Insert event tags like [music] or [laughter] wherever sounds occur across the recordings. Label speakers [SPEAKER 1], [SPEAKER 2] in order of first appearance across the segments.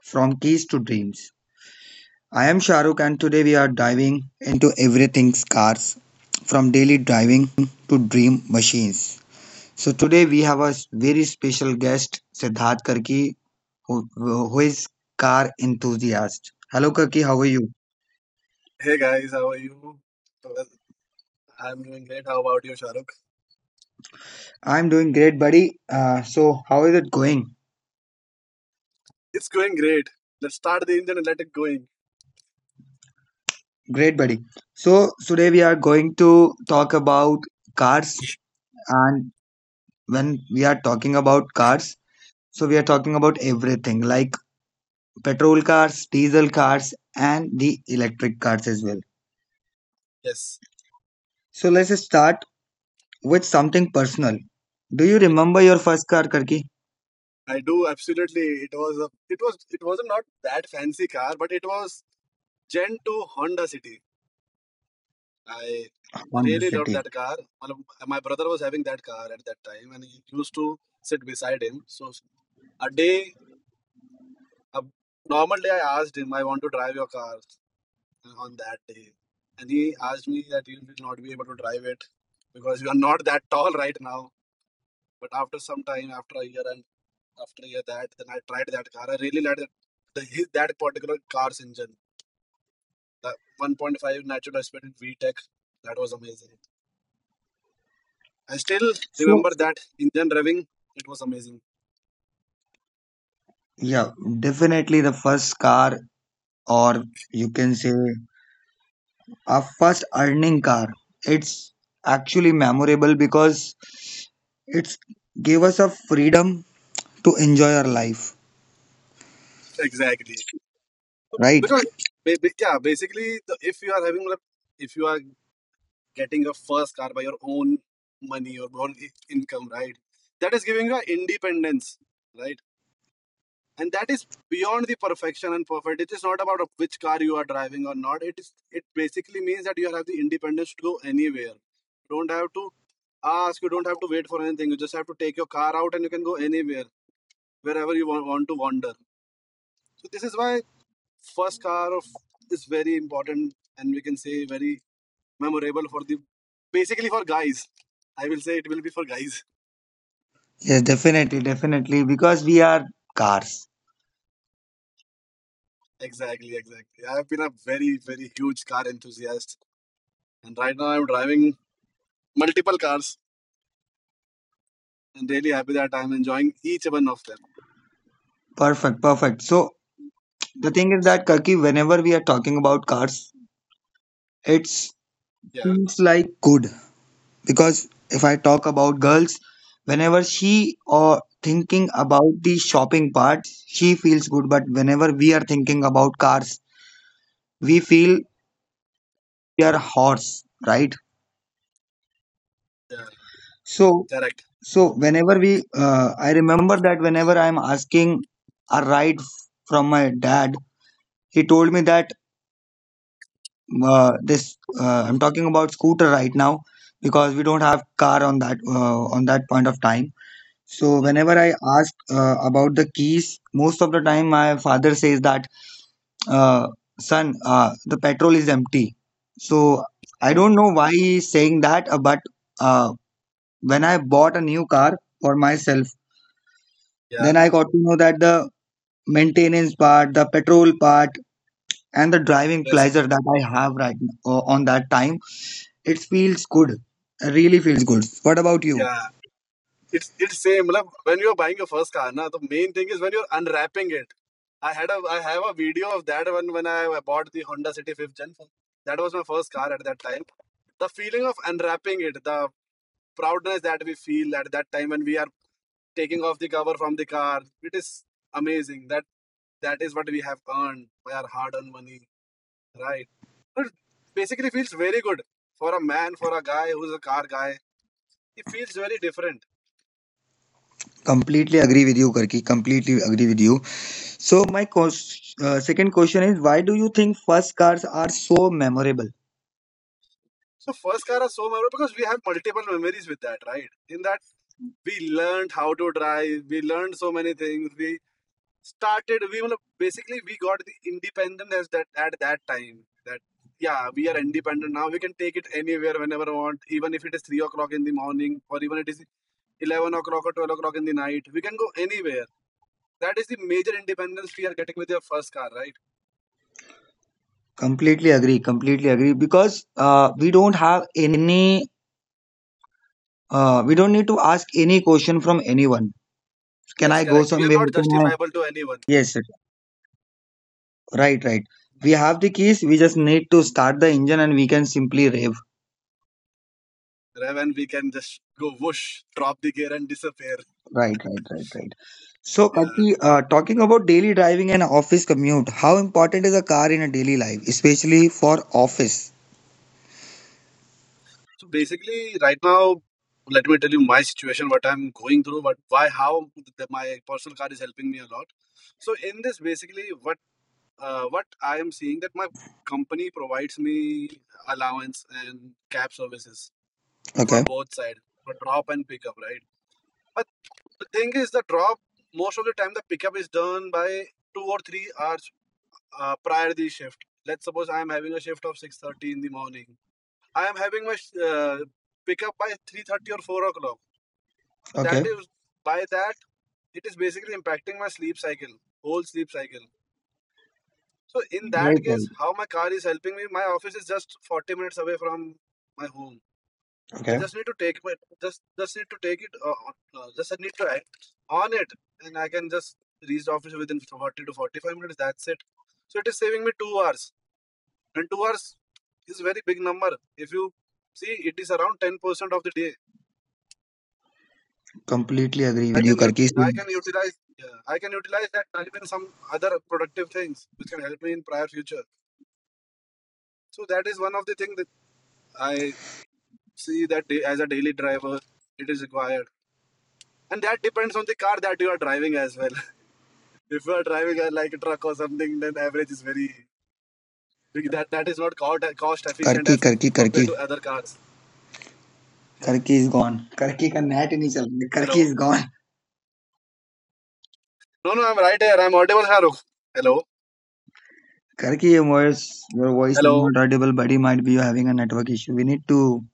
[SPEAKER 1] from Keys to Dreams. I am Shahrukh and today we are diving into everything's cars from daily driving to dream machines. So today we have a very special guest, Siddharth Karki, who is car enthusiast. Hello Karki, how are you?
[SPEAKER 2] Hey guys, how are you? Well, I'm doing great. How about you, Shahrukh?
[SPEAKER 1] I'm doing great, buddy. So how is it going?
[SPEAKER 2] It's going great. Let's start the engine and let it going.
[SPEAKER 1] Great, buddy. So today we are going to talk about cars, and when we are talking about cars, so we are talking about everything like petrol cars, diesel cars, and the electric cars as well.
[SPEAKER 2] Yes,
[SPEAKER 1] So let's start with something personal. Do you
[SPEAKER 2] like,
[SPEAKER 1] remember your first car, Karki?
[SPEAKER 2] I do absolutely. It was a, it was not that fancy car, but it was Gen 2 Honda City. I
[SPEAKER 1] Honda
[SPEAKER 2] really loved
[SPEAKER 1] City.
[SPEAKER 2] that car. Well, my brother was having that car at that time, and he used to sit beside him. So a day, a normal day, I asked him, "I want to drive your car." on that day. And he asked me that you will not be able to drive it because you are not that tall right now. But after some time, after a year and after a year that, then I tried that car. I really liked that particular car's engine, the 1.5 natural aspirated VTEC. That was amazing. I still
[SPEAKER 1] So
[SPEAKER 2] remember that engine driving. It was amazing.
[SPEAKER 1] yeah, definitely the first car, or you can say a first earning car. It's actually memorable because it's gave us a freedom to enjoy our life,
[SPEAKER 2] Exactly.
[SPEAKER 1] right?
[SPEAKER 2] Because yeah, basically, the, if you are having like, if you are getting your first car by your own money or own income, right? That is giving you a independence, right? And that is beyond the perfection and perfect. It is not about which car you are driving or not. It is it basically means that you have the independence to go anywhere. You don't have to ask, you don't have to wait for anything. You just have to take your car out and you can go anywhere wherever you want, to wander. So this is why first car of is very important, and we can say very memorable for the basically for guys. I will say it will be for guys.
[SPEAKER 1] Yes, definitely, definitely. Because we are actually mad about cars.
[SPEAKER 2] Exactly, exactly. I have been a very, very huge car enthusiast, and right now I'm driving multiple cars and really happy that I'm enjoying each one of them.
[SPEAKER 1] Perfect, perfect. So the thing is that, Karki, whenever we are talking about cars, it
[SPEAKER 2] Yeah,
[SPEAKER 1] seems like good. Because if I talk about girls, whenever she or thinking about the shopping part, she feels good. But whenever we are thinking about cars, we feel we are horse, right?
[SPEAKER 2] yeah,
[SPEAKER 1] So
[SPEAKER 2] correct.
[SPEAKER 1] so whenever I remember that whenever I'm asking a ride from my dad, he told me that this. I'm talking about scooter right now because we don't have car on that point of time. So
[SPEAKER 2] Mhm.
[SPEAKER 1] whenever I ask about the keys, most of the time my father says that, uh, "Son, the petrol is empty." So I don't know why he's saying that, but uh, when I bought a new car for myself,
[SPEAKER 2] Yeah,
[SPEAKER 1] then I got to know that the maintenance part, the petrol part, and the driving
[SPEAKER 2] yes,
[SPEAKER 1] pleasure that I have right now, on that time, it feels good. Really feels good. What about you?
[SPEAKER 2] yeah, it's same. मतलब, when you're buying your first car, na, the main thing is when you're unwrapping it. I have a video of that when I bought the Honda City fifth gen. That was my first car at that time. The feeling of unwrapping it, the proudness that we feel at that time when we are taking off the cover from the car, it is amazing. That is what we have earned by our hard-earned money, right? It basically feels very good for a man, for a guy who's a car guy. It feels very different.
[SPEAKER 1] Completely agree with you, Karki. Completely agree with you. So my second question is, why do you think first cars are so memorable?
[SPEAKER 2] So first car is so memorable because we have multiple memories with that, right? In that we learned how to drive, we learned so many things. We started, we मतलब basically we got the independence as that at that time. That yeah, we are independent now. We can take it anywhere whenever we want, even if it is 3 o'clock in the morning or even it is 11 o'clock or 12 o'clock in the night. We can go anywhere. That is the major independence we are getting with your first car, right?
[SPEAKER 1] Completely agree. Completely agree. Because we don't have any. We don't need to ask any question from anyone. Can
[SPEAKER 2] Yes,
[SPEAKER 1] I go
[SPEAKER 2] correct. We are
[SPEAKER 1] somewhere?
[SPEAKER 2] not
[SPEAKER 1] Can I?
[SPEAKER 2] justifiable to anyone.
[SPEAKER 1] Yes, yes. Right, right. We have the keys. We just need to start the engine, and we can simply rave.
[SPEAKER 2] Raven, we can just go whoosh, drop the gear and disappear.
[SPEAKER 1] Right, right, right, right. So,
[SPEAKER 2] Yeah.
[SPEAKER 1] Kaki, talking about daily driving and office commute, how important is a car in a daily life, especially for office?
[SPEAKER 2] So basically, right now, let me tell you my situation, what I'm going through, what, why, how the, my personal card is helping me a lot. So in this, basically, what I am seeing that my company provides me allowance and cab services for
[SPEAKER 1] Okay,
[SPEAKER 2] both side, for drop and pickup, right? But the thing is, the drop most of the time the pickup is done by 2 or 3 hours prior the shift. Let's suppose I am having a shift of 6:30 in the morning. I am having my uh, pickup by 3:30 or 4 o'clock. So that
[SPEAKER 1] okay,
[SPEAKER 2] is by that it is basically impacting my sleep cycle, whole sleep cycle. So in
[SPEAKER 1] right,
[SPEAKER 2] that
[SPEAKER 1] right.
[SPEAKER 2] case, how my car is helping me? My office is just 40 minutes away from my home. I
[SPEAKER 1] Okay,
[SPEAKER 2] just need to take it, just need to take it, just I need to act on it, and I can just reach the office within 40 to 45 minutes. That's it. So it is saving me 2 hours, and 2 hours is a very big number. If you see, it is around 10% of the day
[SPEAKER 1] completely agree
[SPEAKER 2] I
[SPEAKER 1] with you,
[SPEAKER 2] can
[SPEAKER 1] Karki.
[SPEAKER 2] I can utilize, yeah, I can utilize that time in some other productive things which can help me in prior future. So that is one of the things that I see that as a daily driver it is required, and that depends on the car that you are driving as well. [laughs] If you are driving a, like a truck or something, then average is very that that is not cost efficient
[SPEAKER 1] Karki,
[SPEAKER 2] as
[SPEAKER 1] Karki, Karki,
[SPEAKER 2] compared to other cars. Yeah.
[SPEAKER 1] Karki is gone. Karki का net ही नहीं चल रहा. Karki
[SPEAKER 2] Hello.
[SPEAKER 1] is gone.
[SPEAKER 2] No, no, I'm right here. I'm audible, Haruk. Hello.
[SPEAKER 1] Karki, your voice is
[SPEAKER 2] Hello.
[SPEAKER 1] not audible, but he might be having a network issue. We need to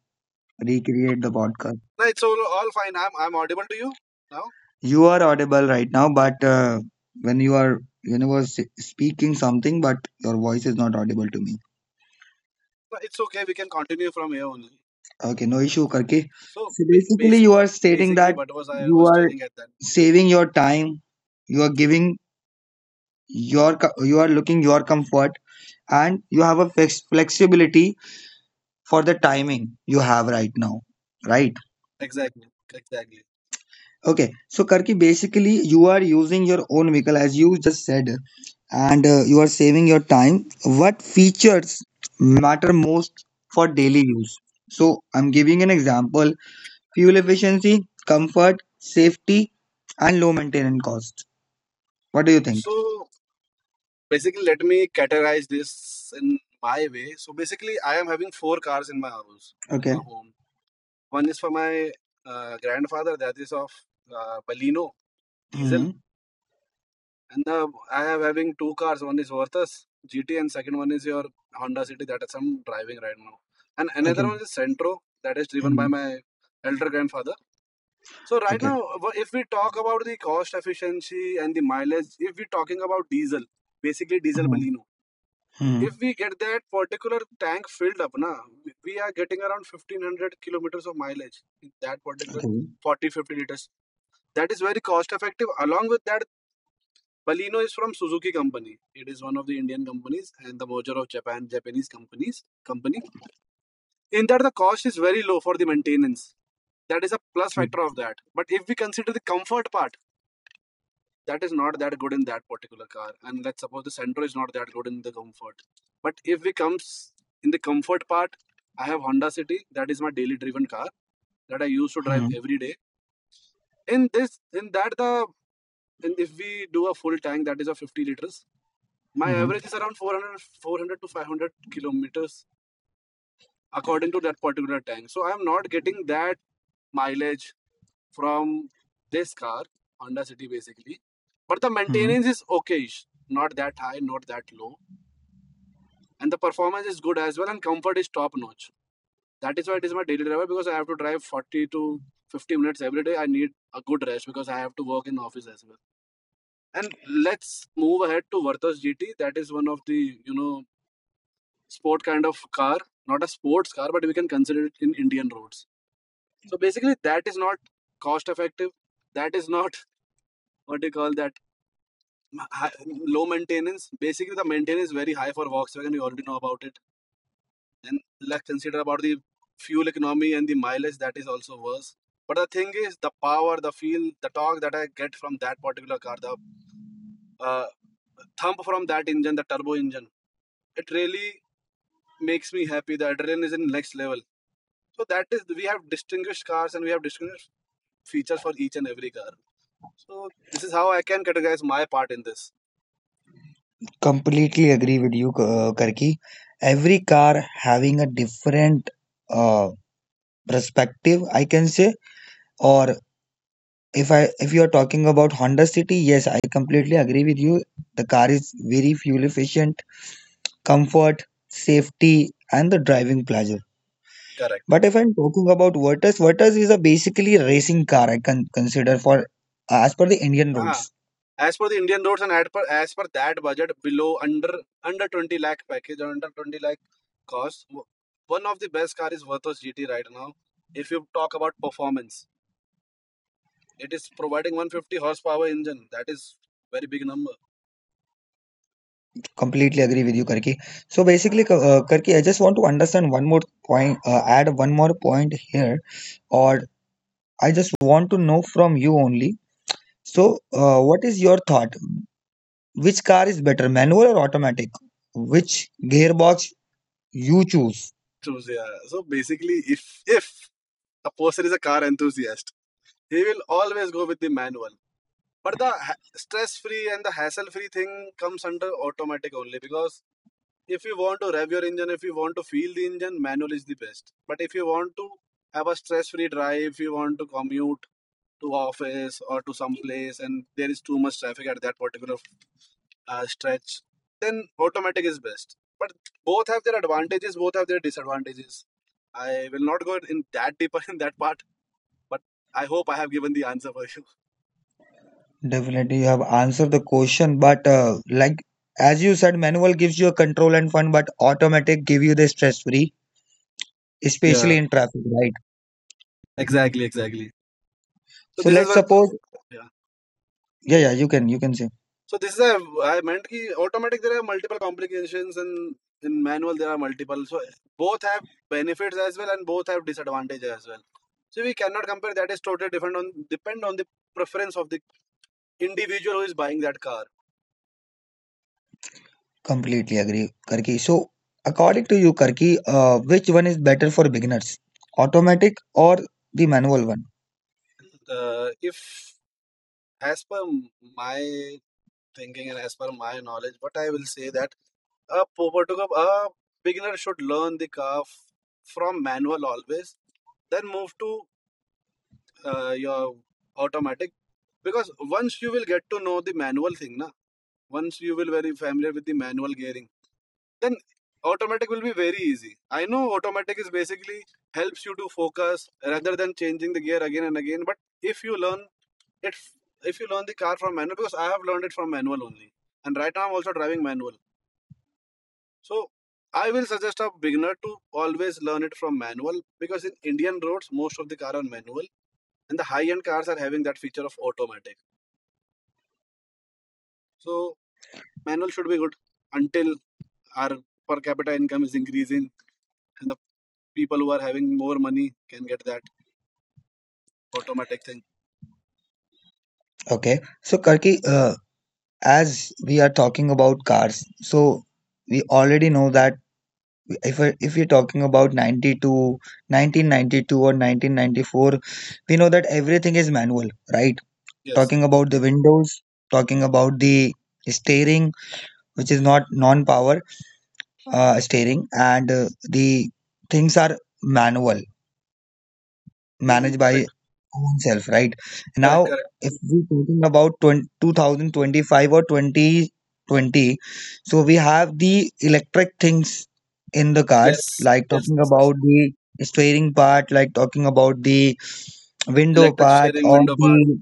[SPEAKER 1] recreate the podcast.
[SPEAKER 2] No, it's all fine. I'm audible to you now.
[SPEAKER 1] You are audible right now, but when you are when you were s- speaking something, but your voice is not audible to me.
[SPEAKER 2] No, it's okay. We can continue from here only.
[SPEAKER 1] Okay, no issue, Karke.
[SPEAKER 2] So
[SPEAKER 1] So basically, you are stating
[SPEAKER 2] basically,
[SPEAKER 1] that
[SPEAKER 2] what was I
[SPEAKER 1] you
[SPEAKER 2] was
[SPEAKER 1] are
[SPEAKER 2] telling at that
[SPEAKER 1] saving your time, you are giving your you are looking your comfort, and you have a flexibility for the timing you have right now, right?
[SPEAKER 2] exactly, exactly.
[SPEAKER 1] Okay, so Karki, basically you are using your own vehicle as you just said, and you are saving your time. What features matter most for daily use? So I'm giving an example: fuel efficiency, comfort, safety, and low maintenance cost. What do you think?
[SPEAKER 2] So basically, let me categorize this in my way. So basically, I am having four cars in my house, in
[SPEAKER 1] Okay.
[SPEAKER 2] my home. One is for my grandfather, that is of Baleno diesel,
[SPEAKER 1] hmm
[SPEAKER 2] and I am having two cars. One is Virtus GT, and second one is your Honda City that is I'm driving right now, and another
[SPEAKER 1] Okay.
[SPEAKER 2] one is Centro that is driven by
[SPEAKER 1] hmm
[SPEAKER 2] my elder grandfather. So right
[SPEAKER 1] Okay.
[SPEAKER 2] now, if we talk about the cost efficiency and the mileage, if we're talking about diesel, basically diesel
[SPEAKER 1] hmm
[SPEAKER 2] Baleno, if
[SPEAKER 1] hmm
[SPEAKER 2] we get that particular tank filled up, na, we are getting around 1500 kilometers of mileage in that particular
[SPEAKER 1] Okay.
[SPEAKER 2] 40 50 liters. That is very cost effective. Along with that, Baleno is from Suzuki company. It is one of the Indian companies and the merger of Japanese companies company. In that, the cost is very low for the maintenance. That is a plus factor of that. But if we consider the comfort part that is not that good in that particular car, and let's suppose the Centro is not that good in the comfort. But if we comes in the comfort part, I have Honda City that is my daily driven car that I used to drive
[SPEAKER 1] hmm
[SPEAKER 2] every day in this. In that the and if we do a full tank that is a 50 liters, my average is around 400 to 500 kilometers according to that particular tank. So I am not getting that mileage from this car, Honda City basically. But the
[SPEAKER 1] hmm
[SPEAKER 2] maintenance is okayish, not that high, not that low. And the performance is good as well, and comfort is top notch. That is why it is my daily driver because I have to drive 40 to 50 minutes every day. I need a good rest because I have to work in office as well. And let's move ahead to Virtus GT. That is one of the, you know, sport kind of car, not a sports car, but we can consider it in Indian roads. So basically, that is not cost effective. That is not [laughs] what they call that m- low maintenance. Basically, the maintenance is very high for Volkswagen. You already know about it. And let's consider about the fuel economy and the mileage. That is also worse. But the thing is, the power, the feel, the torque that I get from that particular car, the uh, thump from that engine, the turbo engine, it really makes me happy. The adrenaline is in next level. So that is we have distinguished cars and we have distinguished features for each and every car. So this is how I can categorize my part in this.
[SPEAKER 1] Completely agree with you, Karki. Every car having a different uh, perspective, I can say. Or if I if you are talking about Honda City, yes, I completely agree with you. The car is very fuel efficient, comfort, safety, and the driving pleasure.
[SPEAKER 2] Correct.
[SPEAKER 1] But if I'm talking about Vertus, Vertus is a basically racing car. I can consider for as per the Indian
[SPEAKER 2] Ha,
[SPEAKER 1] roads.
[SPEAKER 2] as per the Indian roads and as per that budget, below under 20 lakh package or under 20 lakh cost, one of the best car is Virtus GT right now. If you talk about performance, it is providing 150 horsepower engine. That is very big number.
[SPEAKER 1] Completely agree with you, Karki. So basically, Karki, I just want to understand one more point, add one more point here, or I just want to know from you only.
[SPEAKER 2] Hmm?
[SPEAKER 1] So, what is your thought? Which car is better, manual or automatic? Which gearbox you choose?
[SPEAKER 2] Choose, yeah. So basically, if a person is a car enthusiast, he will always go with the manual. But the stress-free and the hassle-free thing comes under automatic only because if you want to rev your engine, if you want to feel the engine, manual is the best. But if you want to have a stress-free drive, if you want to commute to office or to some place, and there is too much traffic at that particular stretch, then automatic is best. But both have their advantages, both have their disadvantages. I will not go in that deeper [laughs] in that part, but I hope I have given the answer for you.
[SPEAKER 1] Definitely, you have answered the question, but as you said, manual gives you a control and fun, but automatic give you the stress free,
[SPEAKER 3] Yeah,
[SPEAKER 1] especially in traffic, right?
[SPEAKER 3] exactly, exactly. So
[SPEAKER 1] So
[SPEAKER 3] this is
[SPEAKER 1] let's
[SPEAKER 3] what.
[SPEAKER 1] suppose,
[SPEAKER 3] Yeah.
[SPEAKER 1] yeah, yeah, you can say.
[SPEAKER 3] So this is a, I meant ki automatic, there are multiple complications, and in manual there are multiple. So both have benefits as well and both have disadvantages as well. So we cannot compare. That is totally different on depend on the preference of the individual who is buying that car.
[SPEAKER 1] Completely agree, Karki. So, according to you, Karki, which one is better for beginners, automatic or the manual one?
[SPEAKER 3] If as per my thinking and as per my knowledge, what I will say that A Popotocup, a beginner should learn the car from manual always, then move to your automatic, because once you will get to know the manual thing, na, once you will very familiar with the manual gearing, then automatic will be very easy. I know automatic is basically helps you to focus rather than changing the gear again and again. But if you learn it, if you learn the car from manual, because I have learned it from manual only, and right now I'm also driving manual. So I will suggest a beginner to always learn it from manual, because in Indian roads most of the car are manual and the high end cars are having that feature of automatic. So manual should be good until our per capita income is increasing and the people who are having more money can get that automatic thing.
[SPEAKER 1] Okay. So, Karki, as we are talking about cars, so we already know that if you're talking about 92, 1992 or 1994, we know that everything is manual, right?
[SPEAKER 3] Yes.
[SPEAKER 1] Talking about the windows, talking about the steering, which is not non-power, steering, and the things are manual
[SPEAKER 3] hmm
[SPEAKER 1] managed by
[SPEAKER 3] Correct,
[SPEAKER 1] own self, right? And now
[SPEAKER 3] correct, correct.
[SPEAKER 1] if we're talking about 20, 2025 or 2020, so we have the electric things in the cars,
[SPEAKER 3] Yes.
[SPEAKER 1] like
[SPEAKER 3] Yes,
[SPEAKER 1] talking
[SPEAKER 3] yes, yes.
[SPEAKER 1] about the steering part, like talking about the window
[SPEAKER 3] Electric
[SPEAKER 1] part,
[SPEAKER 3] steering,
[SPEAKER 1] or
[SPEAKER 3] window part.
[SPEAKER 1] the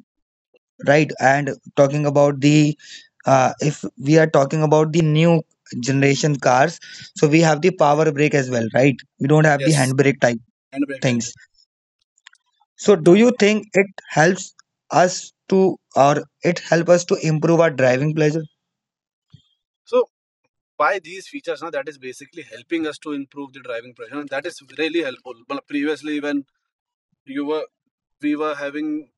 [SPEAKER 1] right, and talking about the, if we are talking about the new generation cars, so we have the power brake as well, right? We don't have the
[SPEAKER 3] Yes.
[SPEAKER 1] handbrake type
[SPEAKER 3] And brake type. Yeah.
[SPEAKER 1] things, so do you think it helps us to or it help us to improve our driving pleasure?
[SPEAKER 3] So by these features now, that is basically helping us to improve the driving pressure and that is really helpful, but previously when you were we were having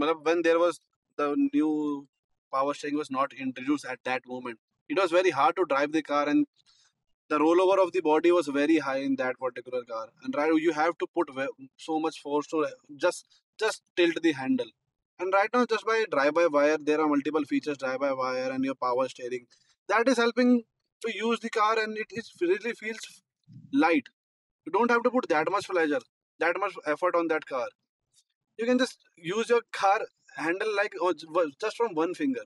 [SPEAKER 3] matlab, when there was the new power steering was not introduced at that moment, it was very hard to drive the car and the rollover of the body was very high in that particular car. And right, you have to put so much force to just just tilt the handle, and right now just by drive by wire there are multiple features, drive by wire and your power steering, that is helping to use the car and it is really feels light. You don't have to put that much pleasure, that much effort on that car. You can just use your car handle like or just from one finger.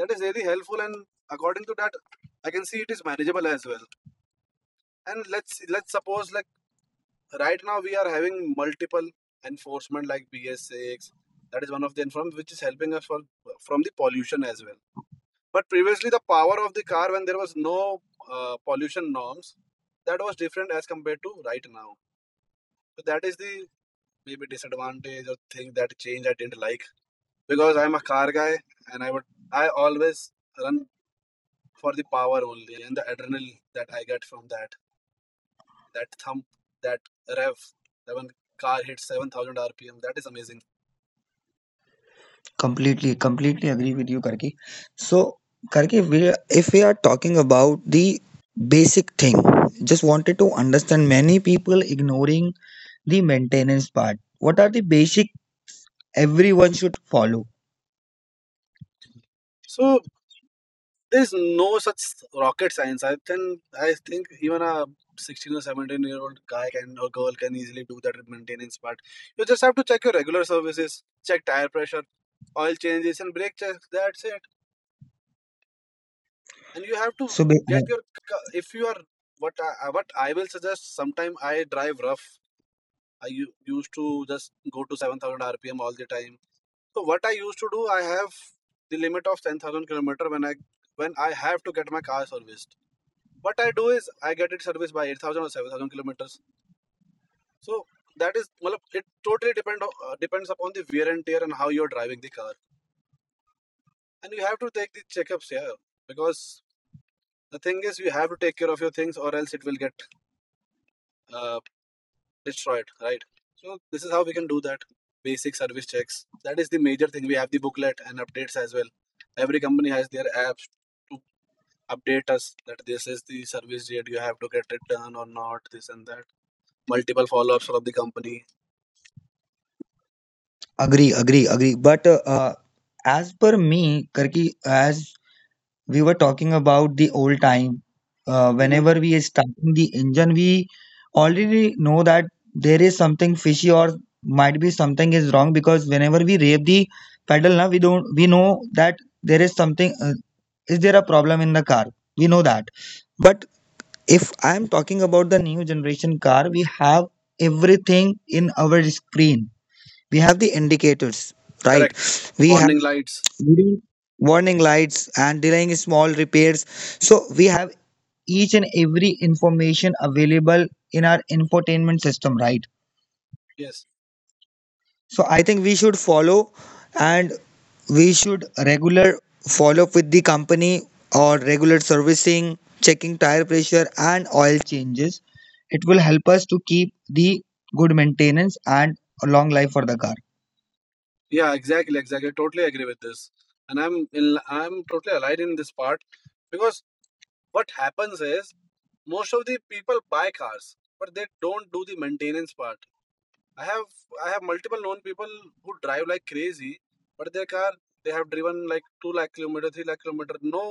[SPEAKER 3] That is really helpful, and according to that I can see it is manageable as well. And let's suppose, like right now we are having multiple enforcement like BS6, that is one of the enforcement which is helping us for from the pollution as well. But previously the power of the car when there was no pollution norms, that was different as compared to right now. So that is the maybe disadvantage or thing that change I didn't like, because I'm a car guy and I always run for the power only and the adrenaline that I get from that, that thump, that rev, that when car hits 7,000 RPM, that is amazing.
[SPEAKER 1] Completely, completely agree with you, Karki. So Karki, we are- If we are talking about the basic thing, just wanted to understand many people ignoring the maintenance part, what are the basic everyone should follow?
[SPEAKER 3] So there is no such rocket science. I think even a 16 or 17-year-old guy can or girl can easily do that maintenance part. You just have to check your regular services, check tire pressure, oil changes, and brake checks. That's it. And you have to
[SPEAKER 1] So
[SPEAKER 3] get your if you are what I will suggest. Sometime I drive rough. I used to just go to 7,000 RPM all the time. So what I used to do, I have the limit of 10,000 kilometer when I have to get my car serviced. What I do is I get it serviced by 8,000 or 7,000 kilometers. So that is, well, it totally depend depends upon the wear and tear and how you're driving the car. And you have to take the checkups here, because the thing is you have to take care of your things or else it will get uh, destroyed, right? So this is how we can do that. Basic service checks, that is the major thing. We have the booklet and updates as well. Every company has their apps to update us that this is the service date you have to get it done or not, this and that, multiple follow-ups from the company.
[SPEAKER 1] agree, agree, agree. But as per me, Karki, as we were talking about the old time,
[SPEAKER 3] hmm
[SPEAKER 1] whenever we are starting the engine, we already know that there is something fishy or might be something is wrong, because whenever we rev the pedal, now we don't we know that there is something. Is there a problem in the car? We know that. But if I am talking about the new generation car, we have everything in our screen. We have the indicators, right?
[SPEAKER 3] Correct.
[SPEAKER 1] We have
[SPEAKER 3] Warning lights,
[SPEAKER 1] green warning lights and delaying small repairs, so we have each and every information available in our infotainment system, right?
[SPEAKER 3] yes.
[SPEAKER 1] So I think we should follow and we should regular follow up with the company or regular servicing, checking tire pressure and oil changes. It will help us to keep the good maintenance and a long life for the car.
[SPEAKER 3] Yeah, exactly, exactly, I totally agree with this, and in, I'm totally aligned in this part, because what happens is most of the people buy cars but they don't do the maintenance part. I have I have multiple known people who drive like crazy, but their car they have driven like 2 lakh kilometer, 3 lakh kilometer, no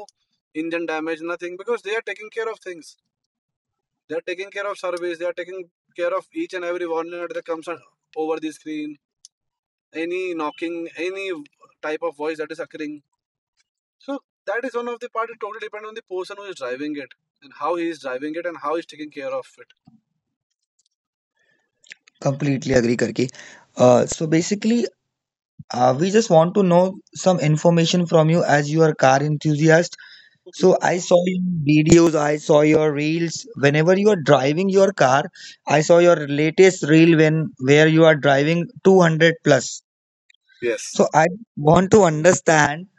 [SPEAKER 3] engine damage, nothing, because they are taking care of things. They are taking care of service. They are taking care of each and every warning that comes over the screen, any knocking, any type of voice that is occurring. So that is one of the part. It totally depends on the person who is driving it and how he is driving it and how he is taking care of it.
[SPEAKER 1] Completely agree, Karki. So basically, we just want to know some information from you as you are car enthusiast.
[SPEAKER 3] Mhm.
[SPEAKER 1] So I saw your videos, I saw your reels. Whenever you are driving your car, I saw your latest reel when where you are driving 200 plus.
[SPEAKER 3] Yes.
[SPEAKER 1] So I want to understand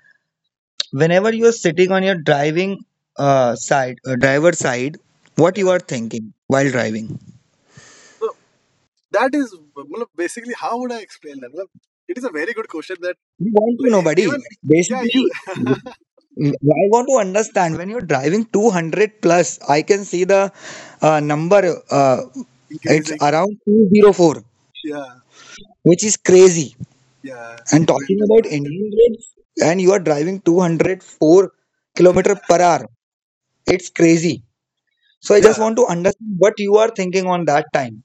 [SPEAKER 1] whenever you are sitting on your driving side, driver side, what you
[SPEAKER 3] Yeah.
[SPEAKER 1] are thinking while driving.
[SPEAKER 3] So that is मतलब basically, how would I explain that? मतलब, it is a very good question that
[SPEAKER 1] You want to
[SPEAKER 3] मतलब
[SPEAKER 1] know,
[SPEAKER 3] even,
[SPEAKER 1] buddy.
[SPEAKER 3] yeah you
[SPEAKER 1] Basically, mm, I want to understand when you're driving 200 plus, I can see the number, uh,
[SPEAKER 3] [laughs]
[SPEAKER 1] it's
[SPEAKER 3] increasing,
[SPEAKER 1] around 204,
[SPEAKER 3] yeah
[SPEAKER 1] which is crazy.
[SPEAKER 3] yeah
[SPEAKER 1] And
[SPEAKER 3] for
[SPEAKER 1] talking
[SPEAKER 3] Indian
[SPEAKER 1] about
[SPEAKER 3] road.
[SPEAKER 1] Indian roads, and you are driving 204 kilometer per hour, it's crazy. So I just
[SPEAKER 3] Yeah,
[SPEAKER 1] want to understand what you are thinking on that time.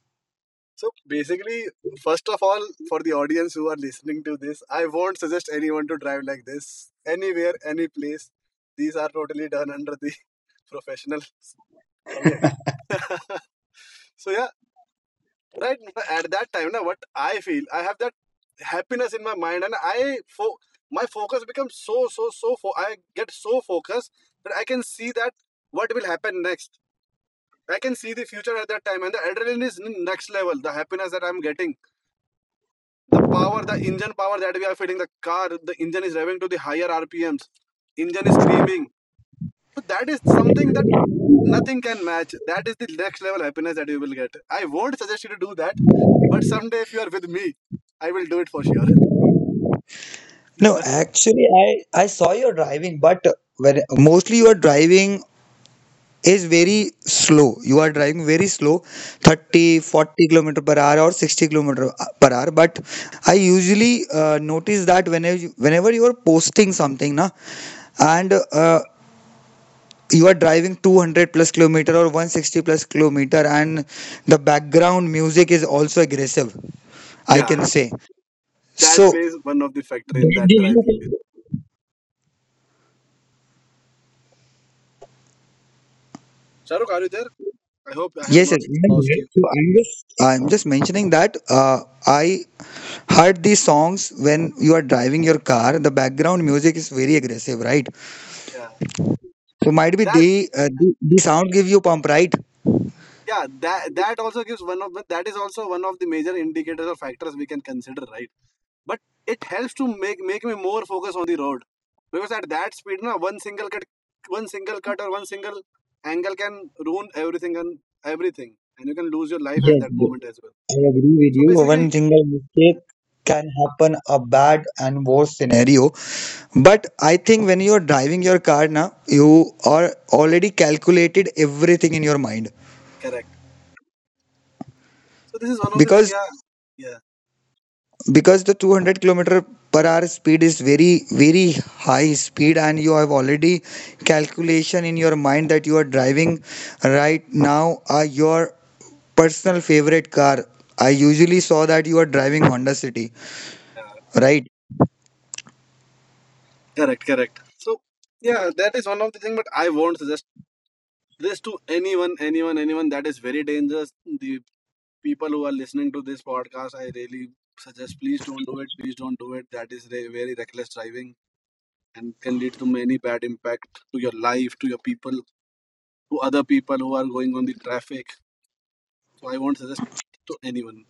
[SPEAKER 3] so basically first of all for the audience who are listening to this, I won't suggest anyone to drive like this anywhere any place. These are totally done under the [laughs] professionals, okay. [laughs] So yeah, right at that time now what I feel, I have that happiness in my mind, and my focus becomes I get so focused that I can see that what will happen next, I can see the future at that time, and the adrenaline is next level, the happiness that I'm getting, the power, the engine power that we are feeling, the car, the engine is revving to the higher rpms, engine is screaming. So that is something that nothing can match. That is the next level happiness that you will get. I won't suggest you to do that, but someday if you are with me I will do it for sure.
[SPEAKER 1] No, actually, I saw your driving, but when mostly you are driving is very slow. You are driving very slow,
[SPEAKER 3] [laughs]
[SPEAKER 1] 30, 40 kilometer per hour or 60 kilometer per hour. But I usually notice that whenever you are posting something, na, and you are driving 200 plus kilometer or 160 plus kilometer, and the background music is also aggressive. I
[SPEAKER 3] Yeah,
[SPEAKER 1] can say
[SPEAKER 3] that
[SPEAKER 1] so.
[SPEAKER 3] plays one of the factor in
[SPEAKER 1] That
[SPEAKER 3] that
[SPEAKER 1] gives
[SPEAKER 3] driving field.
[SPEAKER 1] you-
[SPEAKER 3] Shahrukh, are you there? I hope I have
[SPEAKER 1] yes, sir.
[SPEAKER 3] not
[SPEAKER 1] I'm
[SPEAKER 3] lost
[SPEAKER 1] here.
[SPEAKER 3] you.
[SPEAKER 1] So I'm just mentioning that I heard these songs when you are driving your car. The background music is very aggressive, right?
[SPEAKER 3] Yeah,
[SPEAKER 1] So might be
[SPEAKER 3] that
[SPEAKER 1] they the sound give you pump, right?
[SPEAKER 3] that also gives that is also one of the major indicators or factors we can consider, right? But it helps to make me more focus on the road, because at that speed, na, one single cut or one single angle can ruin everything and everything, and you can lose your life at
[SPEAKER 1] yes
[SPEAKER 3] that
[SPEAKER 1] b-
[SPEAKER 3] moment as well.
[SPEAKER 1] i agree with
[SPEAKER 3] So
[SPEAKER 1] you. One
[SPEAKER 3] basically,
[SPEAKER 1] single
[SPEAKER 3] you,
[SPEAKER 1] mistake can happen a bad and worse scenario, but I think when you are driving your car now, you are already calculated everything in your mind
[SPEAKER 3] correct. So this is one of the thing.
[SPEAKER 1] because
[SPEAKER 3] Yeah. Yeah,
[SPEAKER 1] because the 200 kilometer per hour speed is very high speed, and you have already calculation in your mind that you are driving right now your personal favorite car. I usually saw that you are driving Honda City,
[SPEAKER 3] yeah.
[SPEAKER 1] right?
[SPEAKER 3] Correct, correct. So yeah, that is one of the thing. But I won't suggest this to anyone, anyone, anyone. That is very dangerous. The people who are listening to this podcast, I really suggest please don't do it. Please don't do it. That is very reckless driving and can lead to many bad impact to your life, to your people, to other people who are going on the traffic. So I won't suggest to anyone.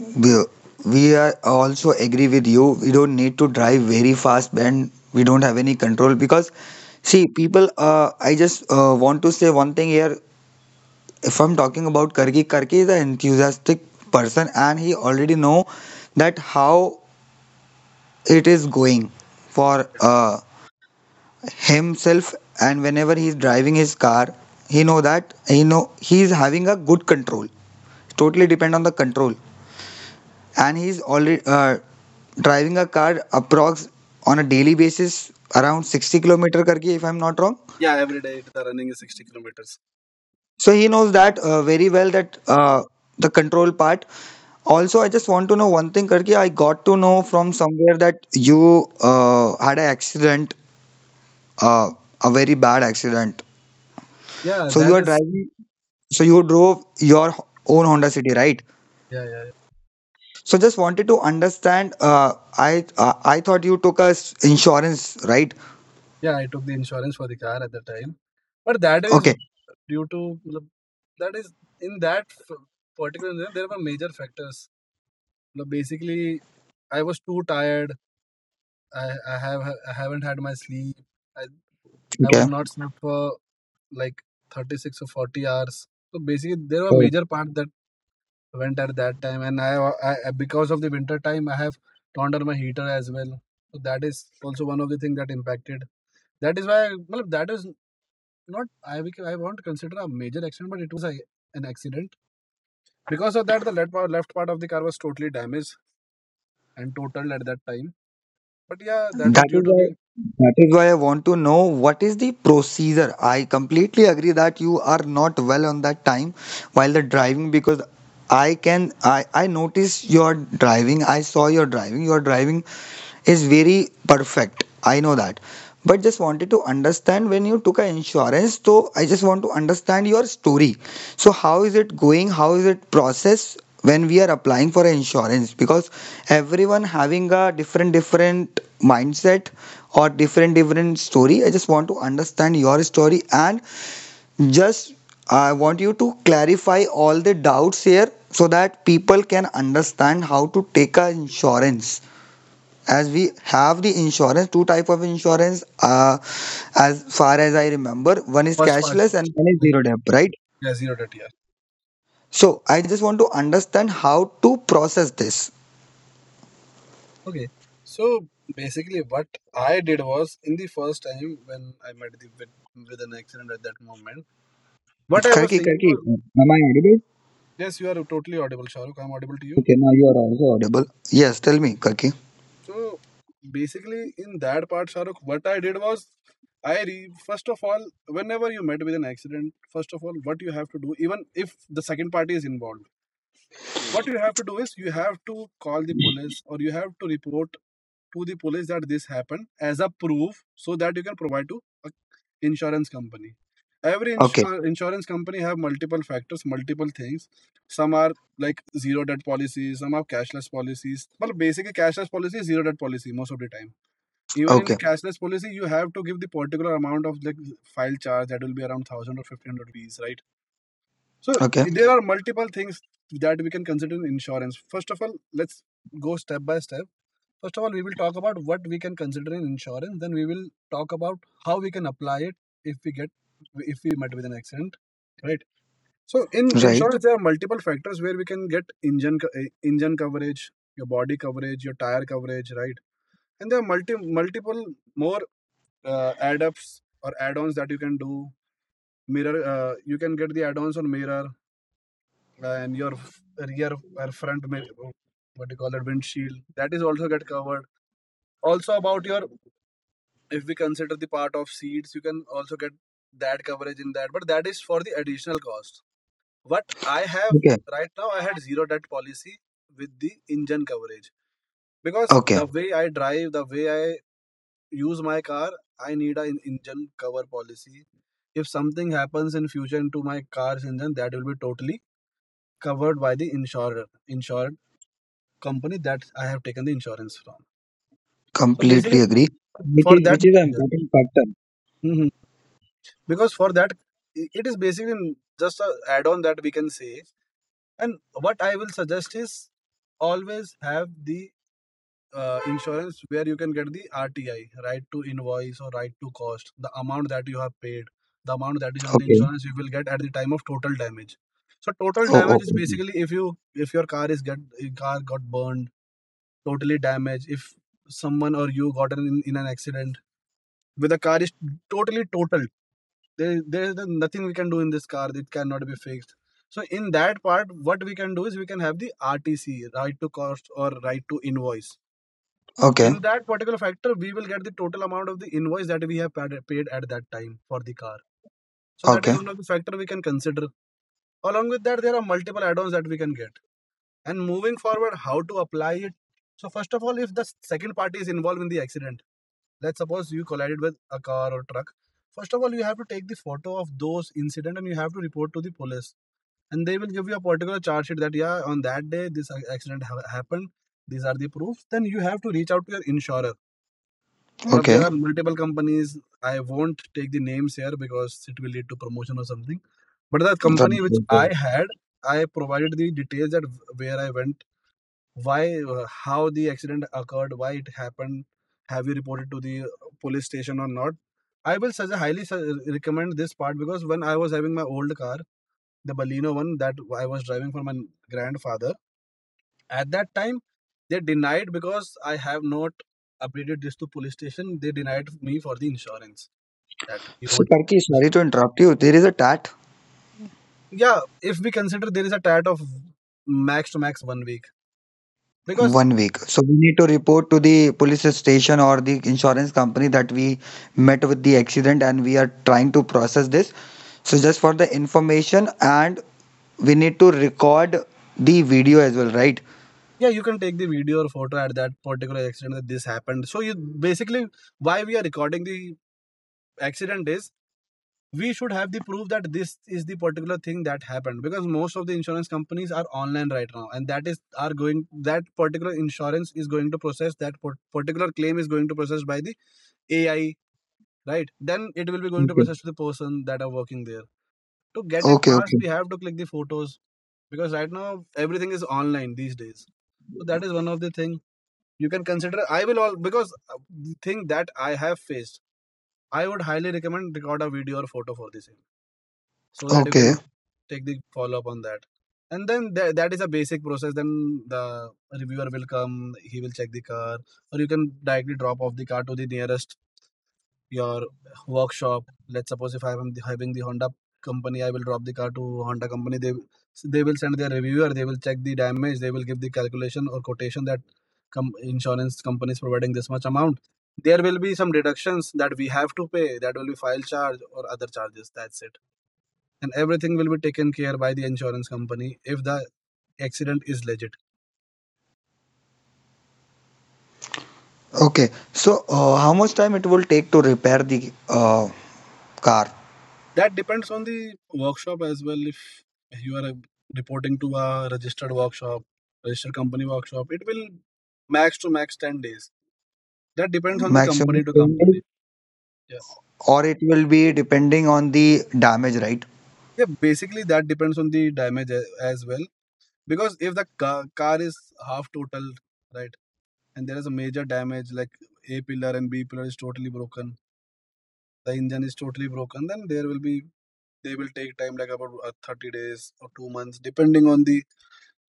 [SPEAKER 1] We, we are also agree with you. We don't need to drive very fast, and we don't have any control. Because see, people I just want to say one thing here. If I'm talking about Karki, Karki is an enthusiastic person, and he already know that how it is going for himself, and whenever he's driving his car, he know that he is having a good control. Totally depend on the control, and he's already driving a car approx on a daily basis around 60 kilometer, Karki, if I'm not wrong.
[SPEAKER 3] Yeah, every day the running is 60 kilometers.
[SPEAKER 1] So he knows that very well that the control part. Also, I just want to know one thing, Karki. I got to know from somewhere that you had an accident, uh, a very bad accident.
[SPEAKER 3] Yeah,
[SPEAKER 1] So you
[SPEAKER 3] that
[SPEAKER 1] are
[SPEAKER 3] is.
[SPEAKER 1] driving. So you drove your own Honda City, right?
[SPEAKER 3] Yeah, yeah. Yeah.
[SPEAKER 1] So just wanted to understand. I thought you took a insurance, right?
[SPEAKER 3] Yeah, I took the insurance for the car at the time. But that is
[SPEAKER 1] Okay.
[SPEAKER 3] due to मतलब, that is in that particular incident, there were major factors. मतलब, basically, I was too tired. I haven't had my sleep. I, I was
[SPEAKER 1] Okay.
[SPEAKER 3] not slept for like 36 or 40 hours. So basically, there were major part that went at that time, and because of the winter time, I have turned on my heater as well. So that is also one of the things that impacted. That is why, well, that is not I won't consider a major accident, but it was an accident. Because of that, the left part of the car was totally damaged and totaled at that time. But yeah, that is
[SPEAKER 1] That
[SPEAKER 3] due
[SPEAKER 1] is
[SPEAKER 3] to
[SPEAKER 1] why
[SPEAKER 3] the
[SPEAKER 1] that is why I want to know what is the procedure. I completely agree that you are not well on that time while the driving, because I notice your driving. I saw your driving. You are driving is very perfect. I know that. But just wanted to understand when you took an insurance, so I just want to understand your story. So how is it going? How is it process when we are applying for an insurance? Because everyone having a different mindset or different story. I just want to understand your story, and just I want you to clarify all the doubts here so that people can understand how to take an insurance, as we have the insurance two type of insurance, as far as I remember, one is
[SPEAKER 3] first part.
[SPEAKER 1] cashless and one is
[SPEAKER 3] Like,
[SPEAKER 1] zero debt, right?
[SPEAKER 3] yeah, zero that yeah.
[SPEAKER 1] So I just want to understand how to process this,
[SPEAKER 3] Okay. So basically, what I did was in the first time when I met with an accident at that moment, what I was
[SPEAKER 1] Karki.
[SPEAKER 3] thinking
[SPEAKER 1] Karki,
[SPEAKER 3] was,
[SPEAKER 1] am I audible?
[SPEAKER 3] yes, you are totally audible, Shahrukh. I'm audible to you.
[SPEAKER 1] Okay, now you are also audible. Yes, tell me, Karki.
[SPEAKER 3] So basically, in that part, Shahrukh, what I did was, first of all, whenever you met with an accident, first of all, what you have to do, even if the second party is involved, what you have to do is you have to call the police or you have to report to the police that this happened as a proof, so that you can provide to a insurance company. Every
[SPEAKER 1] Okay,
[SPEAKER 3] insurance company have multiple factors, multiple things. Some are like zero debt policies, some have cashless policies. Well, basically, cashless policy is zero debt policy most of the time. Even in the
[SPEAKER 1] okay,
[SPEAKER 3] cashless policy you have to give the particular amount of the file charge that will be around 1000 or 1500 rupees, right? So
[SPEAKER 1] okay,
[SPEAKER 3] there are multiple things that we can consider in insurance. First of all, let's go step by step. First of all, we will talk about what we can consider in insurance, then we will talk about how we can apply it if we get if we met with an accident, right? So in
[SPEAKER 1] right,
[SPEAKER 3] insurance there are multiple factors where we can get engine coverage, your body coverage, your tire coverage, right? And there are multiple more add-ups or add-ons that you can do. Mirror, you can get the add-ons on mirror, and your rear or front mirror, what do you call that, windshield, that is also get covered. Also about your, if we consider the part of seats, you can also get that coverage in that, but that is for the additional cost. What I have
[SPEAKER 1] okay,
[SPEAKER 3] right now, I had zero debt policy with the engine coverage because
[SPEAKER 1] okay,
[SPEAKER 3] the way I drive, the way I use my car, I need an engine cover policy. If something happens in future to my car's engine, that will be totally covered by the insured company that I have taken the insurance from. So
[SPEAKER 1] completely
[SPEAKER 3] basically,
[SPEAKER 1] agree,
[SPEAKER 3] for that,
[SPEAKER 1] which is an
[SPEAKER 3] yeah.
[SPEAKER 1] important factor.
[SPEAKER 3] Mhm. Because for that, it is basically just a add-on that we can say. And what I will suggest is always have the insurance where you can get the RTI, right to invoice or right to cost, the amount that you have paid, the amount that is on the
[SPEAKER 1] Okay.
[SPEAKER 3] insurance you will get at the time of total damage. So total
[SPEAKER 1] Oh,
[SPEAKER 3] damage is
[SPEAKER 1] okay,
[SPEAKER 3] basically if you if your car is get car got burned, totally damaged, if someone or you got in an accident with the car is totally totaled. There is nothing we can do in this car. It cannot be fixed. So in that part, what we can do is we can have the RTC, right to cost or right to invoice,
[SPEAKER 1] okay,
[SPEAKER 3] in that particular factor we will get the total amount of the invoice that we have paid at that time for the car. So that is
[SPEAKER 1] okay,
[SPEAKER 3] one of the factor we can consider, along with that there are multiple add-ons that we can get. And moving forward, how to apply it. So first of all, if the second party is involved in the accident, let's suppose you collided with a car or truck, first of all you have to take the photo of those incident and you have to report to the police and they will give you a particular charge sheet that, yeah, on that day this accident happened, these are the proofs. Then you have to reach out to your insurer. But
[SPEAKER 1] okay,
[SPEAKER 3] there are
[SPEAKER 1] okay.
[SPEAKER 3] multiple companies. I won't take the names here because it will lead to promotion or something. But the
[SPEAKER 1] Right,
[SPEAKER 3] company which
[SPEAKER 1] right,
[SPEAKER 3] I
[SPEAKER 1] right.
[SPEAKER 3] had, I provided the details that where I went, why, how the accident occurred, why it happened. Have you reported to the police station or not? I will suggest, highly recommend this part because when I was having my old car, the Baleno one that I was driving for my grandfather at that time, they denied because I have not updated this to police station. They denied me for the insurance, that we
[SPEAKER 1] So
[SPEAKER 3] won't.
[SPEAKER 1] Karki, sorry to interrupt you, there is a tad
[SPEAKER 3] Yeah, if we consider there is a tat of max to max 1 week, because
[SPEAKER 1] one week. So we need to report to the police station or the insurance company that we met with the accident, and we are trying to process this. So just for the information, and we need to record the video as well, right?
[SPEAKER 3] yeah, you can take the video or photo at that particular accident that this happened. So you basically, why we are recording the accident is, we should have the proof that this is the particular thing that happened, because most of the insurance companies are online right now and that is are going, that particular insurance is going to process, that particular claim is going to process by the AI, right? Then it will be going to
[SPEAKER 1] Okay.
[SPEAKER 3] process to the person that are working there to get it
[SPEAKER 1] Okay,
[SPEAKER 3] passed.
[SPEAKER 1] okay.
[SPEAKER 3] We have to click the photos because right now everything is online these days, so that is one of the thing you can consider. I will all because the thing that I have faced, I would highly recommend record a video or photo for this so that you can
[SPEAKER 1] Okay.
[SPEAKER 3] take the follow up on that. And then that is a basic process. Then the reviewer will come, he will check the car, or you can directly drop off the car to the nearest your workshop. Let's suppose if I'm having the Honda company, I will drop the car to Honda company, they will send their reviewer, they will check the damage, they will give the calculation or quotation that insurance company is providing this much amount. There will be some deductions that we have to pay, that will be file charge or other charges, that's it. And everything will be taken care by the insurance company if the accident is legit.
[SPEAKER 1] Okay. So how much time it will take to repair the car?
[SPEAKER 3] That depends on the workshop as well. If you are reporting to a registered workshop, registered company workshop, it will max to max 10 days, that depends on the company
[SPEAKER 1] Maximum
[SPEAKER 3] to
[SPEAKER 1] 10
[SPEAKER 3] company.
[SPEAKER 1] days,
[SPEAKER 3] Yeah,
[SPEAKER 1] or it will be depending on the damage, right?
[SPEAKER 3] yeah. Basically that depends on the damage as well, because if the car is half total, right, and there is a major damage like a pillar and b pillar is totally broken, the engine is totally broken, then there will be they will take time like about 30 days or 2 months depending on the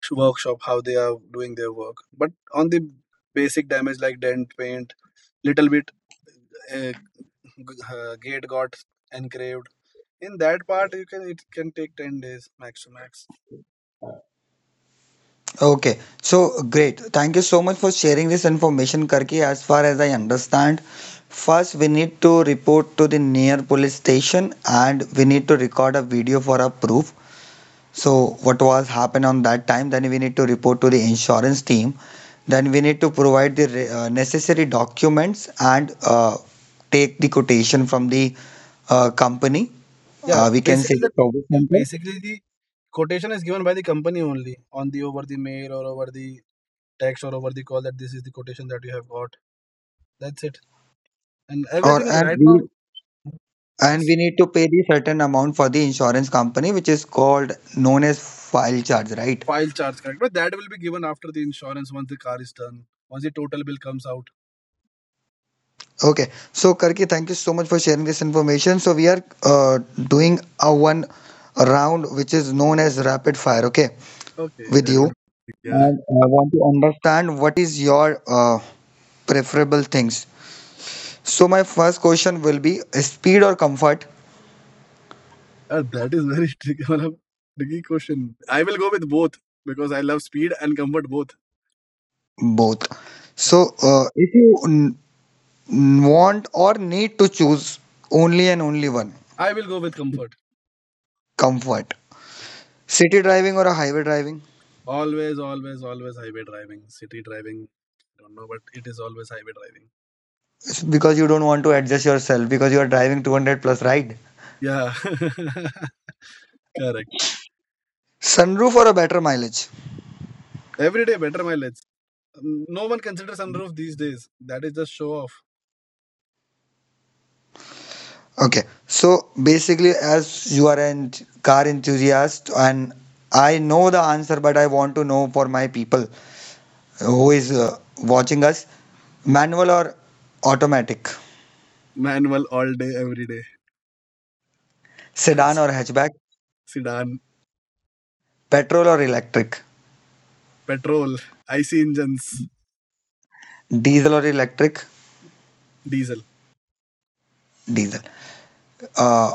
[SPEAKER 3] workshop how they are doing their work. But on the basic damage like dent, paint, little bit uh, gate got engraved in that part, you can, it can take 10 days max to max.
[SPEAKER 1] Okay, so great. Thank you so much for sharing this information, Karki. As far as I understand, first we need to report to the near police station, and we need to record a video for our proof. So what was happened on that time? Then we need to report to the insurance team. Then we need to provide the necessary documents, and take the quotation from the company.
[SPEAKER 3] Yeah,
[SPEAKER 1] We can say
[SPEAKER 3] basically the
[SPEAKER 1] the service
[SPEAKER 3] yeah,
[SPEAKER 1] center,
[SPEAKER 3] basically the quotation is given by the company only, on the over the mail or over the text or over the call, that this is the quotation that you have got, that's it. And
[SPEAKER 1] or
[SPEAKER 3] everything
[SPEAKER 1] and
[SPEAKER 3] right now,
[SPEAKER 1] we And
[SPEAKER 3] yes.
[SPEAKER 1] we need to pay the certain amount for the insurance company, which is called known as file charge, right?
[SPEAKER 3] File charge, correct. But that will be given after the insurance once the car is done. Once the total bill comes out.
[SPEAKER 1] Okay. So, Karki, thank you so much for sharing this information. So, we are doing a one round which is known as rapid fire, okay,
[SPEAKER 3] Okay,
[SPEAKER 1] with
[SPEAKER 3] that
[SPEAKER 1] you.
[SPEAKER 3] would be, yeah. [laughs]
[SPEAKER 1] And I want to understand what is your preferable things. So, my first question will be speed or comfort?
[SPEAKER 3] That is very tricky. [laughs] मतलब tricky question. I will go with both because I love speed and comfort both.
[SPEAKER 1] Both. So,
[SPEAKER 3] Yeah.
[SPEAKER 1] if you want or need to choose only and only one,
[SPEAKER 3] I will go with comfort.
[SPEAKER 1] comfort.
[SPEAKER 3] Yeah.
[SPEAKER 1] City driving or a highway driving?
[SPEAKER 3] Always, always, always highway driving, city driving. I don't know, but it is always highway driving.
[SPEAKER 1] It's because you don't want to adjust yourself because you are driving 200 plus, right?
[SPEAKER 3] Yeah, [laughs] correct.
[SPEAKER 1] Sunroof or a better mileage?
[SPEAKER 3] Every day better mileage. No one considers sunroof these days. That is just show off.
[SPEAKER 1] Okay, so basically, as you are a car enthusiast, and I know the answer, but I want to know for my people who is watching us, manual or automatic,
[SPEAKER 3] Manual all day, every day.
[SPEAKER 1] sedan or
[SPEAKER 3] [laughs]
[SPEAKER 1] hatchback,
[SPEAKER 3] Sedan.
[SPEAKER 1] petrol or electric,
[SPEAKER 3] Petrol, IC engines,
[SPEAKER 1] diesel or electric,
[SPEAKER 3] diesel.
[SPEAKER 1] diesel. Uh,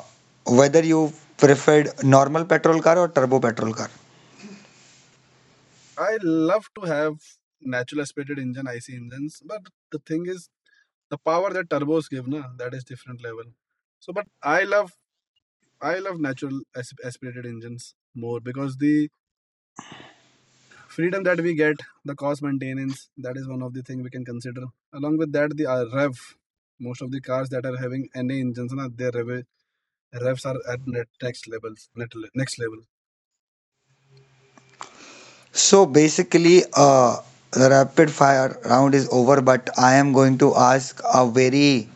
[SPEAKER 1] Whether you preferred normal petrol car or turbo petrol car.
[SPEAKER 3] I love to have natural aspirated engine, IC engines, but the thing is, the power that turbos give, na, that is different level. So, but I love natural aspirated engines more because the freedom that we get, the cost maintenance, that is one of the thing we can consider. Along with that, the rev. Most of the cars that are having NA engines, na, their revs are at net next levels, next level.
[SPEAKER 1] So basically, the rapid fire round is over, but I am going to ask a very,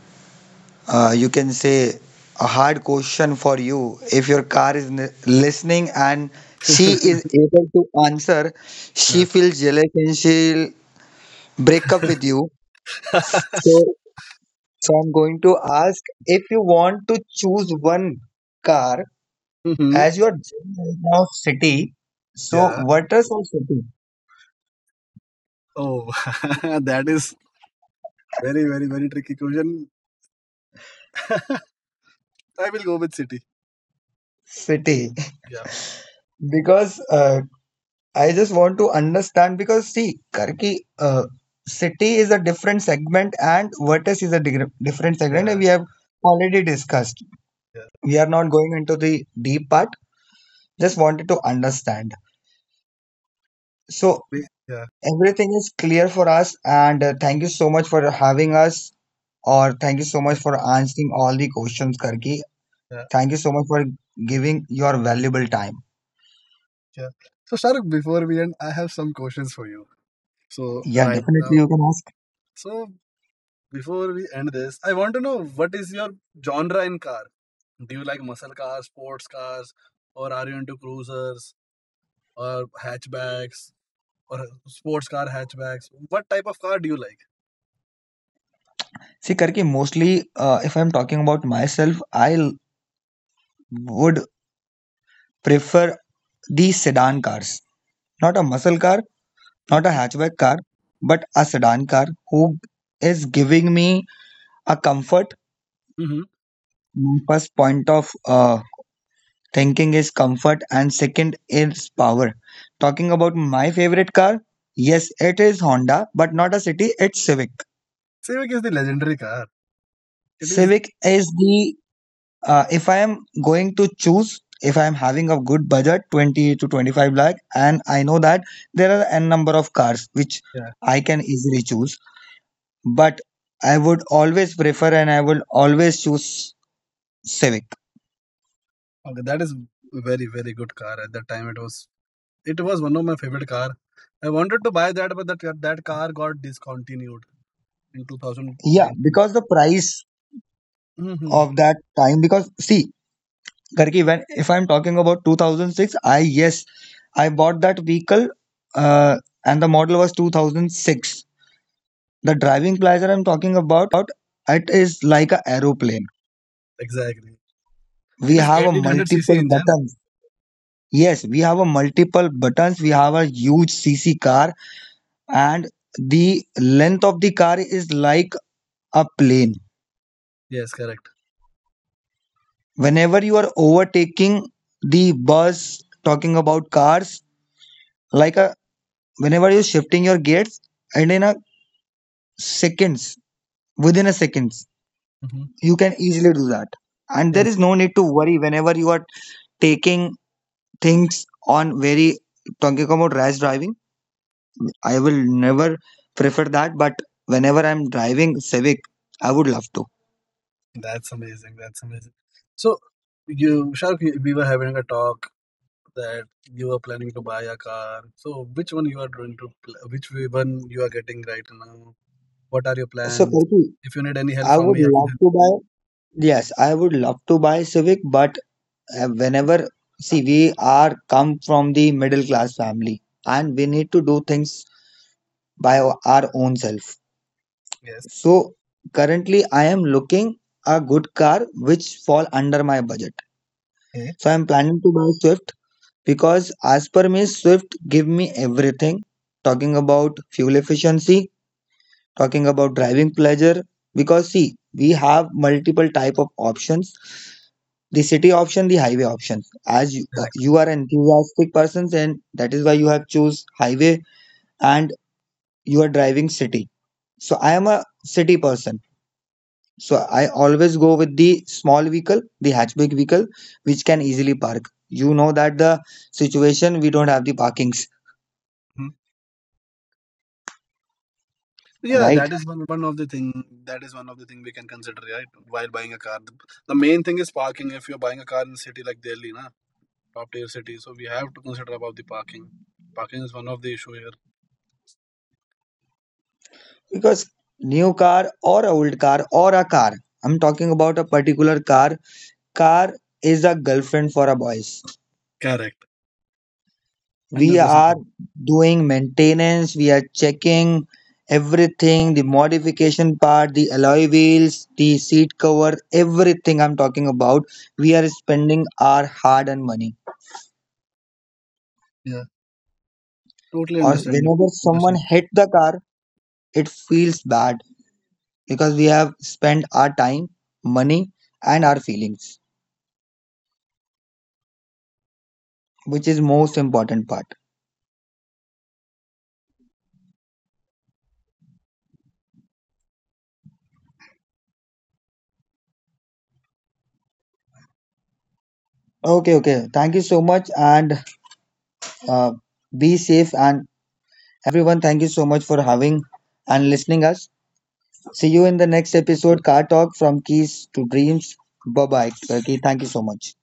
[SPEAKER 1] you can say, a hard question for you. If your car is listening and she
[SPEAKER 3] [laughs]
[SPEAKER 1] is able to answer, she
[SPEAKER 3] Yeah.
[SPEAKER 1] feels jealous and she'll break up with you.
[SPEAKER 3] [laughs]
[SPEAKER 1] So, so I'm going to ask if you want to choose one car
[SPEAKER 3] Mhm.
[SPEAKER 1] as your dream right now. City. So,
[SPEAKER 3] Yeah.
[SPEAKER 1] what is your city?
[SPEAKER 3] Oh, [laughs] that is very, very, very tricky question. [laughs] I will go with City.
[SPEAKER 1] City
[SPEAKER 3] Yeah.
[SPEAKER 1] [laughs] because I just want to understand because see, Karki, city is a different segment and vertex is a different segment, and
[SPEAKER 3] Yeah.
[SPEAKER 1] we have already discussed.
[SPEAKER 3] Yeah.
[SPEAKER 1] We are not going into the deep part. Just wanted to understand. So
[SPEAKER 3] Yeah.
[SPEAKER 1] everything is clear for us, and thank you so much for having us, or thank you so
[SPEAKER 3] Yeah.
[SPEAKER 1] much for answering all the questions, Karki.
[SPEAKER 3] Yeah.
[SPEAKER 1] Thank you so much for giving your valuable time.
[SPEAKER 3] Yeah. So, Shahrukh, before we end, I have some questions for you. So,
[SPEAKER 1] Yeah,
[SPEAKER 3] right
[SPEAKER 1] definitely
[SPEAKER 3] now,
[SPEAKER 1] you can ask.
[SPEAKER 3] so before we end this, I want to know what is your genre in car? Do you like muscle cars, sports cars, or are you into cruisers or hatchbacks or sports car hatchbacks? What type of car do you like?
[SPEAKER 1] See, Karki, mostly if I'm talking about myself, I would prefer these sedan cars. Not a muscle car, not a hatchback car, but a sedan car who is giving me a comfort.
[SPEAKER 3] Hmm? Mm-hmm.
[SPEAKER 1] First point of thinking is comfort, and second is power. Talking about my favorite car, yes, it is Honda, but not a city, it's Civic.
[SPEAKER 3] Civic is the legendary car. It is.
[SPEAKER 1] Civic is the. If I am going to choose, if I am having a good budget, 20 to 25 lakh, and I know that there are n number of cars which
[SPEAKER 3] Yeah.
[SPEAKER 1] I can easily choose, but I would always prefer and I will always choose Civic.
[SPEAKER 3] Okay, that is very very good car. At that time, it was one of my favorite car. I wanted to buy that, but that car got discontinued in
[SPEAKER 1] Yeah,
[SPEAKER 3] 2019.
[SPEAKER 1] because the price
[SPEAKER 3] Hmm.
[SPEAKER 1] of that time, because see, Karki, when if I'm talking about 2006, I yes, I bought that vehicle, uh, and the model was 2006. The driving pleasure I'm talking about, it is like a aeroplane.
[SPEAKER 3] Exactly.
[SPEAKER 1] We
[SPEAKER 3] It is
[SPEAKER 1] have a
[SPEAKER 3] 1800 cc
[SPEAKER 1] multiple
[SPEAKER 3] engine.
[SPEAKER 1] buttons. Yes, we have a multiple buttons. We have a huge cc car, and the length of the car is like a plane
[SPEAKER 3] Yes, correct.
[SPEAKER 1] whenever you are overtaking the bus. Talking about cars, like a whenever you're shifting your gears, and in a seconds, within a seconds,
[SPEAKER 3] Hmm.
[SPEAKER 1] you can easily do that, and
[SPEAKER 3] Yes,
[SPEAKER 1] there is no need to worry whenever you are taking things on very. Talking about rash driving, I will never prefer that, but whenever I'm driving Civic, I would love to.
[SPEAKER 3] that's amazing. That's amazing. So you, Shark, we were having a talk that you were planning to buy a car. So which one you are going to, which one you are getting right now? What are your
[SPEAKER 1] So,
[SPEAKER 3] plans?
[SPEAKER 1] Kirti,
[SPEAKER 3] If you need any help
[SPEAKER 1] I
[SPEAKER 3] from
[SPEAKER 1] would
[SPEAKER 3] me, I can
[SPEAKER 1] love
[SPEAKER 3] help.
[SPEAKER 1] to buy. Yes, I would love to buy Civic, but whenever see, we are come from the middle class family, and we need to do things by our own self.
[SPEAKER 3] Yes.
[SPEAKER 1] So currently, I am looking a good car which fall under my budget.
[SPEAKER 3] Okay.
[SPEAKER 1] So I'm planning to buy Swift, because as per me, Swift give me everything. Talking about fuel efficiency, talking about driving pleasure, because see, we have multiple type of options, the city option, the highway option. As you, you are an enthusiastic persons, and that is why you have choose highway, and you are driving city. So I am a city person, so I always go with the small vehicle, the hatchback vehicle, which can easily park. You know that the situation, we don't have the parkings,
[SPEAKER 3] Mm-hmm. Yeah,
[SPEAKER 1] right?
[SPEAKER 3] that is one of the thing. That is one of the thing we can consider, right? While buying a car, the main thing is parking. If you're buying a car in city like Delhi, na, top tier city, so we have to consider about the parking. Parking is one of the issue here.
[SPEAKER 1] Because new car or old car or a car, I'm talking about a particular car. Car is a girlfriend for a boys.
[SPEAKER 3] Correct,
[SPEAKER 1] We
[SPEAKER 3] 100%.
[SPEAKER 1] are doing maintenance, we are checking everything, the modification part, the alloy wheels, the seat cover, everything I'm talking about. We are spending our hard earned money,
[SPEAKER 3] Yeah, totally
[SPEAKER 1] or
[SPEAKER 3] understand.
[SPEAKER 1] whenever someone hit the car, it feels bad, because we have spent our time, money, and our feelings, which is most important part. Okay, okay. Thank you so much, and uh, be safe. And everyone, thank you so much for having and listening us. See you in the next episode, Car Talk from Keys to Dreams. Bye bye, Turkey. Thank you so much.